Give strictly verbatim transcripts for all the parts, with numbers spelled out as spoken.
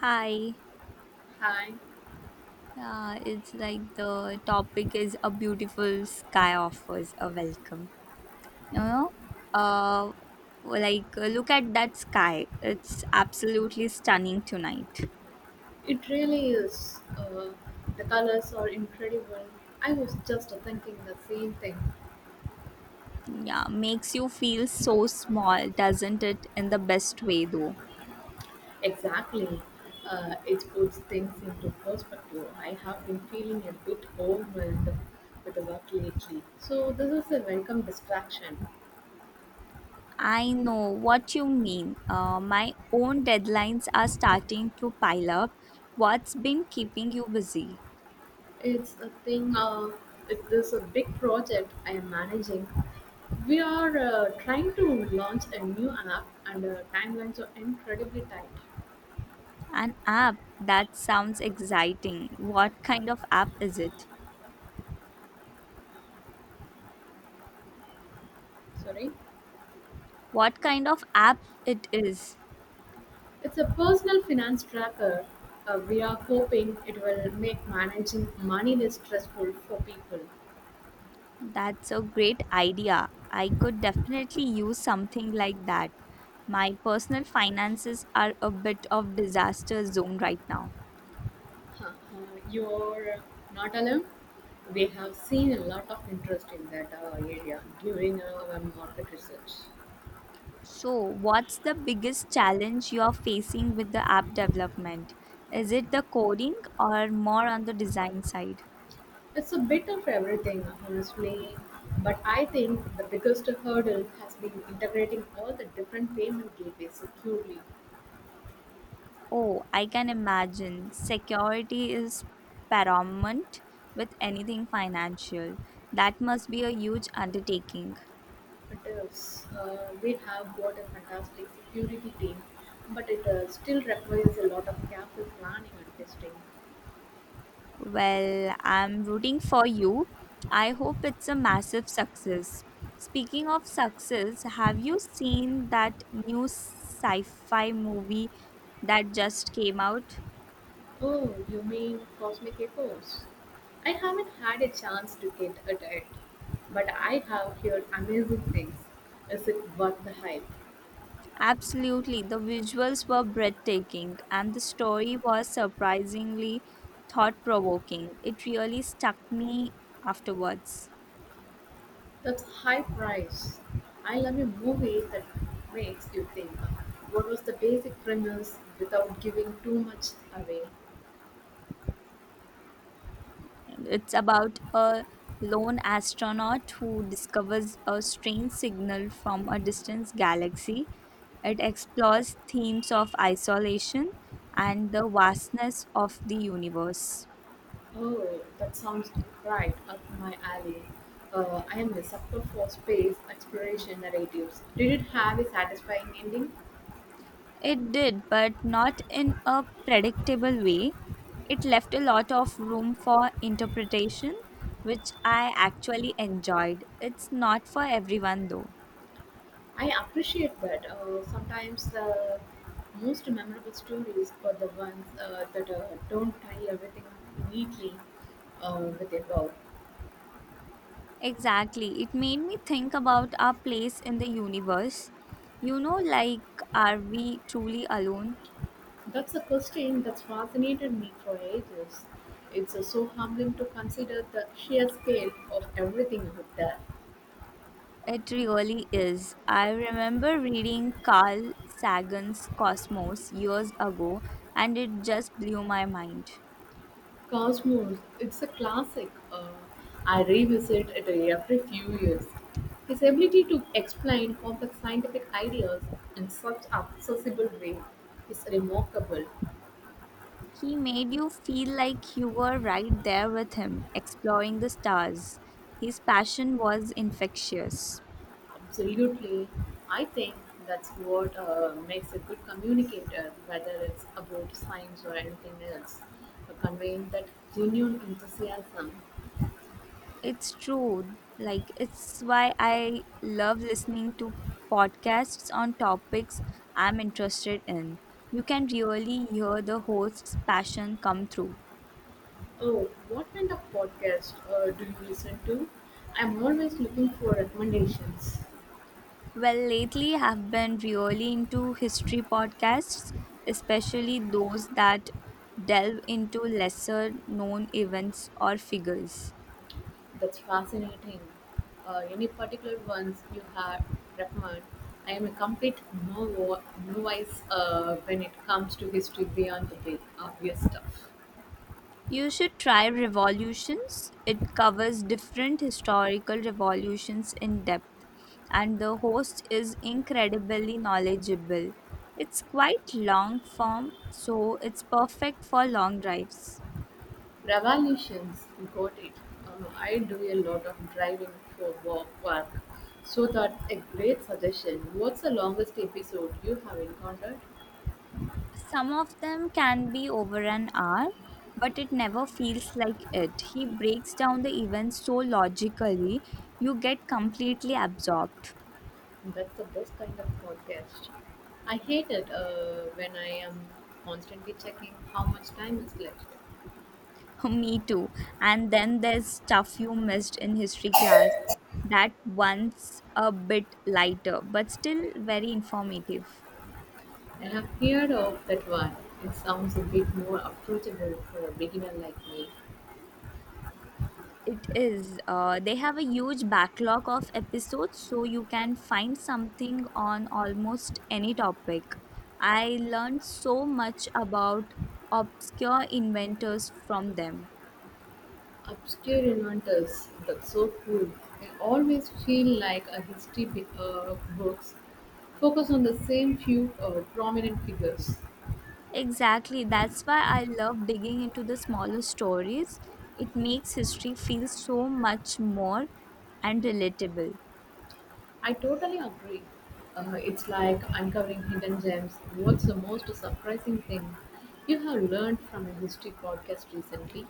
Hi. Hi, Uh, it's like the topic is a beautiful sky offers a welcome. You know, uh, like uh, Look at that sky. It's absolutely stunning tonight. it really is. Uh, the colors are incredible. I was just thinking the same thing. Yeah, makes you feel so small, doesn't it? In the best way, though. Exactly. Uh, it puts things into perspective. I have been feeling a bit overwhelmed with the work lately. So, this is a welcome distraction. I know what you mean. Uh, my own deadlines are starting to pile up. What's been keeping you busy? It's a thing, uh, it is a big project I am managing. We are uh, trying to launch a new app, and uh, timelines are incredibly tight. An app. That sounds exciting. What kind of app is it? Sorry? What kind of app it is. It's a personal finance tracker. Uh, we are hoping it will make managing money less stressful for people. That's a great idea. I could definitely use something like that. My personal finances are a bit of disaster zone right now. Huh. Uh, you're not alone. We have seen a lot of interest in that uh, area during our market research. So, what's the biggest challenge you are facing with the app development? Is it the coding or more on the design side? It's a bit of everything, honestly, but I think the biggest hurdle has been integrating all the different payment gateways securely. Oh, I can imagine. Security is paramount with anything financial. That must be a huge undertaking. It is. Uh, we have got a fantastic security team, but it uh, still requires a lot of careful planning and testing. Well, I'm rooting for you. I hope it's a massive success. Speaking of success, have you seen that new sci fi movie that just came out? Oh, you mean Cosmic Echoes? I haven't had a chance to get at it, but I have heard amazing things. Is it worth the hype? Absolutely, the visuals were breathtaking and the story was surprisingly thought provoking. It really stuck me afterwards. That's high price. I love a movie that makes you think. What was the basic premise without giving too much away? It's about a lone astronaut who discovers a strange signal from a distant galaxy. It explores themes of isolation and the vastness of the universe. Oh, that sounds right up my alley. Uh, I am a sucker for space exploration narratives. Did it have a satisfying ending? It did, but not in a predictable way. It left a lot of room for interpretation, which I actually enjoyed. It's not for everyone though. I appreciate that. Uh, sometimes the most memorable stories are the ones uh, that uh, don't tie everything neatly uh, with a bow. Exactly. It made me think about our place in the universe. You know, like, are we truly alone? That's a question that's fascinated me for ages. It's uh, so humbling to consider the sheer scale of everything out there. It really is. I remember reading Carl Sagan's Cosmos years ago, and it just blew my mind. Cosmos, it's a classic. Uh, I revisit it every few years. His ability to explain complex scientific ideas in such an accessible way is remarkable. He made you feel like you were right there with him, exploring the stars. His passion was infectious. Absolutely, I think that's what uh, makes a good communicator, whether it's about science or anything else. Uh, Conveying that genuine enthusiasm. It's true. Like, it's why I love listening to podcasts on topics I'm interested in. You can really hear the host's passion come through. Oh, what kind of podcast uh, do you listen to? I'm always looking for recommendations. Well, lately I've been really into history podcasts, especially those that delve into lesser known events or figures. That's fascinating. Uh, any particular ones you have recommend? I am a complete no- novice uh, when it comes to history beyond the big obvious stuff. You should try Revolutions. It covers different historical revolutions in depth, and the host is incredibly knowledgeable. It's quite long form, so it's perfect for long drives. Revolutions, got it. Um, I do a lot of driving for wo- work, so that a great suggestion. What's the longest episode you have encountered? Some of them can be over an hour, but it never feels like it. He breaks down the events so logically, you get completely absorbed. That's the best kind of podcast. I hate it uh, when I am constantly checking how much time is left. Me too. And then there's stuff you missed in history class. That one's a bit lighter, but still very informative. I've heard of that one. It sounds a bit more approachable for a beginner like me. It is. Uh, they have a huge backlog of episodes, so you can find something on almost any topic. I learned so much about obscure inventors from them. Obscure inventors, that's so cool. I always feel like a history bi- uh, books focus on the same few uh, prominent figures. Exactly. That's why I love digging into the smaller stories. It makes history feel so much more and relatable? I totally agree. Uh, it's like uncovering hidden gems. What's the most surprising thing you have learned from a history podcast recently?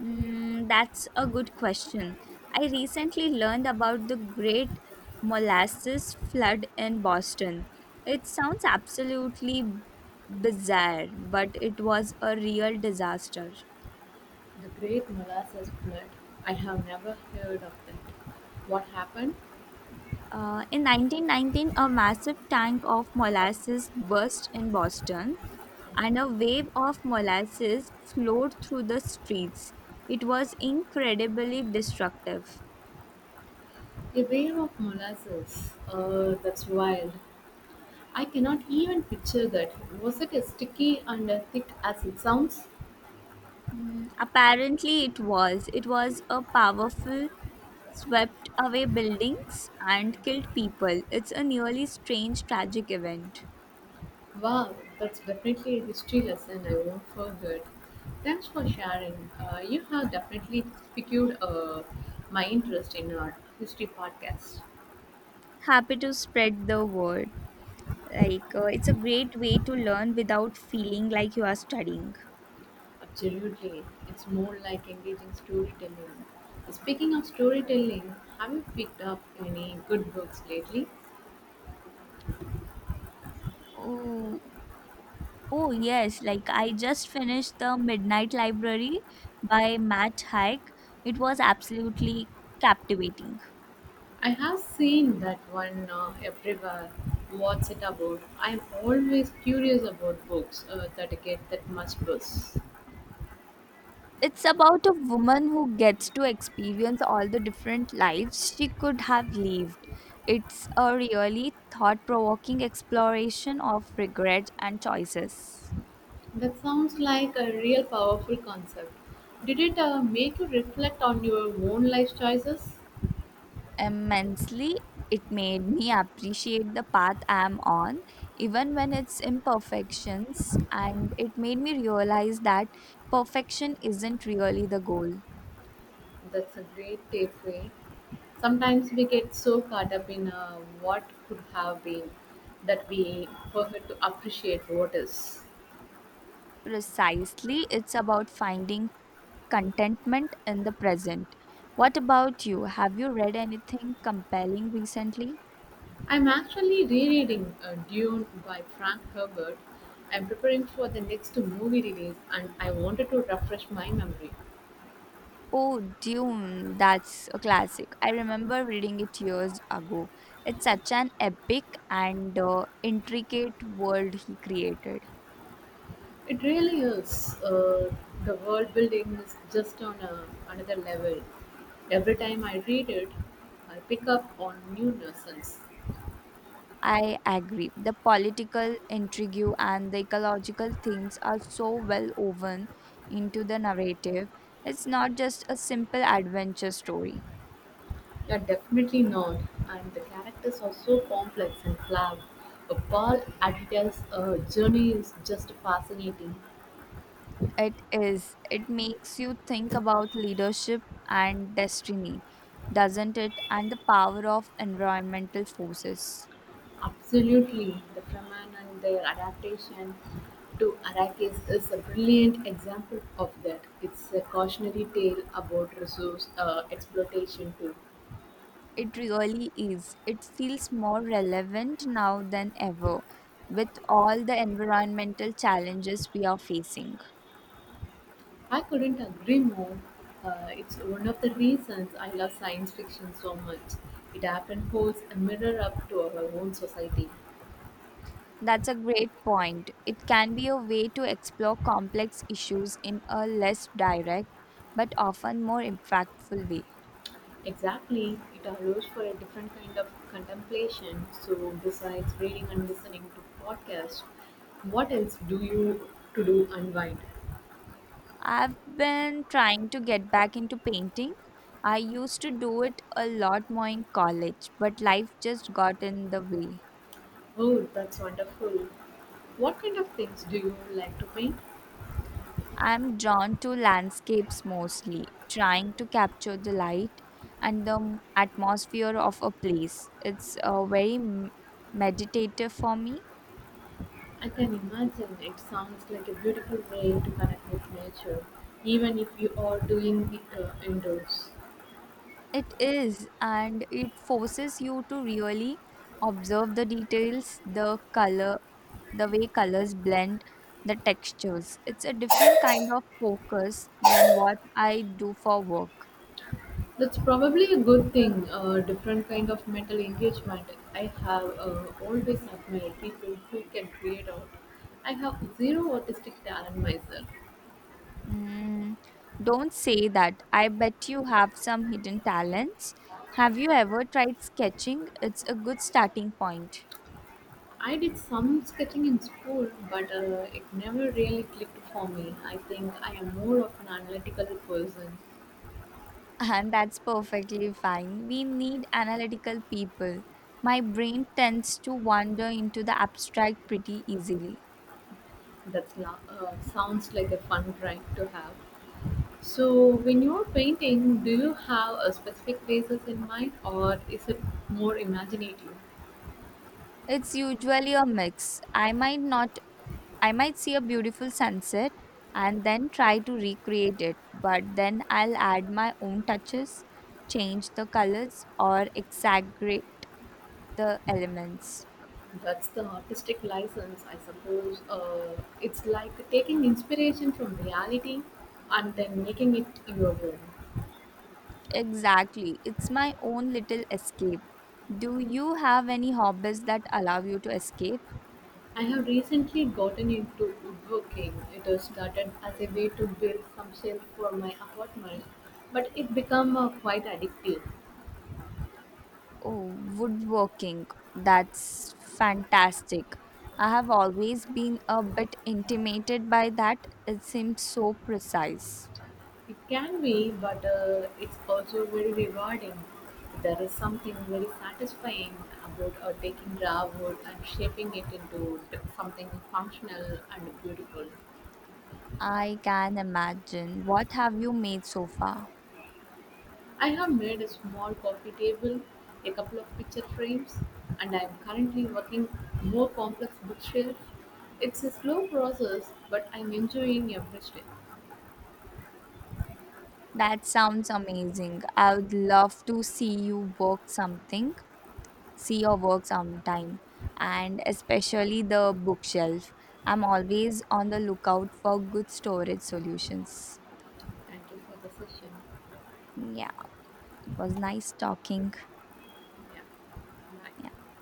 Mm, that's a good question. I recently learned about the Great Molasses Flood in Boston. It sounds absolutely bizarre, but it was a real disaster. The Great Molasses Flood. I have never heard of that. What happened? Uh, in nineteen nineteen, a massive tank of molasses burst in Boston, and a wave of molasses flowed through the streets. It was incredibly destructive. A wave of molasses. Uh, that's wild. I cannot even picture that. Was it as sticky and as thick as it sounds? Mm, apparently, it was. It was a powerful, swept away buildings and killed people. It's a nearly strange, tragic event. Wow, that's definitely a history lesson I won't forget. Thanks for sharing. Uh, you have definitely piqued uh, my interest in our history podcast. Happy to spread the word. Like, uh, it's a great way to learn without feeling like you are studying. Absolutely. It's more like engaging storytelling. Speaking of storytelling, have you picked up any good books lately? Oh, oh yes, like I just finished The Midnight Library by Matt Haig. It was absolutely captivating. I have seen that one uh, everywhere. What's it about? I'm always curious about books uh, that get that much buzz. It's about a woman who gets to experience all the different lives she could have lived. It's a really thought provoking exploration of regret and choices. That sounds like a real powerful concept. Did it uh, make you reflect on your own life choices? Immensely, it made me appreciate the path I am on, even when its imperfections, and it made me realize that perfection isn't really the goal. That's a great takeaway. Sometimes we get so caught up in uh, what could have been that we forget to appreciate what is. Precisely, it's about finding contentment in the present. What about you? Have you read anything compelling recently? I'm actually rereading uh, Dune by Frank Herbert. I'm preparing for the next movie release, and I wanted to refresh my memory. Oh, Dune, that's a classic. I remember reading it years ago. It's such an epic and uh, intricate world he created. It really is. Uh, the world building is just on a, another level. Every time I read it, I pick up on new lessons. I agree. The political intrigue and the ecological themes are so well woven into the narrative. It's not just a simple adventure story. Yeah, definitely not. And the characters are so complex and flawed. Uh, Paul Atreides' uh, journey is just fascinating. It is. It makes you think about leadership and destiny, doesn't it? And the power of environmental forces. Absolutely, the Fremen and their adaptation to Arrakis is a brilliant example of that. It's a cautionary tale about resource uh, exploitation too. It really is. It feels more relevant now than ever with all the environmental challenges we are facing. I couldn't agree more. Uh, it's one of the reasons I love science fiction so much. It often holds a mirror up to our own society. That's a great point. It can be a way to explore complex issues in a less direct but often more impactful way. Exactly, it allows for a different kind of contemplation. So, besides reading and listening to podcasts, what else do you to do unwind? I've been trying to get back into painting. I used to do it a lot more in college, but life just got in the way. Oh, that's wonderful. What kind of things do you like to paint? I'm drawn to landscapes mostly, trying to capture the light and the m- atmosphere of a place. It's uh, very m- meditative for me. I can imagine, it sounds like a beautiful way to connect with nature, even if you are doing it uh, indoors. It is, and it forces you to really observe the details, the color, the way colors blend, the textures. It's a different kind of focus than what I do for work. That's probably a good thing, a different kind of mental engagement. I have uh, always admired people who can create art. I have zero artistic talent myself. Mm, don't say that. I bet you have some hidden talents. Have you ever tried sketching? It's a good starting point. I did some sketching in school, but uh, it never really clicked for me. I think I am more of an analytical person. And that's perfectly fine. We need analytical people. My brain tends to wander into the abstract pretty easily. That uh, sounds like a fun drive to have. So, when you're painting, do you have a specific phases in mind, or is it more imaginative? It's usually a mix. I might not I might see a beautiful sunset and then try to recreate it, but then I'll add my own touches, change the colors, or exaggerate the elements. That's the artistic license, I suppose. Uh, it's like taking inspiration from reality and then making it your own. Exactly. It's my own little escape. Do you have any hobbies that allow you to escape? I have recently gotten into woodworking. It was started as a way to build some shelf for my apartment, but it became uh, quite addictive. Oh, woodworking. That's fantastic. I have always been a bit intimidated by that. It seems so precise. It can be, but uh, it's also very rewarding. There is something very satisfying about uh, taking raw wood and shaping it into something functional and beautiful. I can imagine. What have you made so far? I have made a small coffee table, a couple of picture frames, and I am currently working more complex bookshelf. It's a slow process, but I'm enjoying every step. That sounds amazing. I would love to see you work something, See your work sometime, and especially the bookshelf. I'm always on the lookout for good storage solutions. Thank you for the session. Yeah, it was nice talking. Yeah. Yeah. Bye.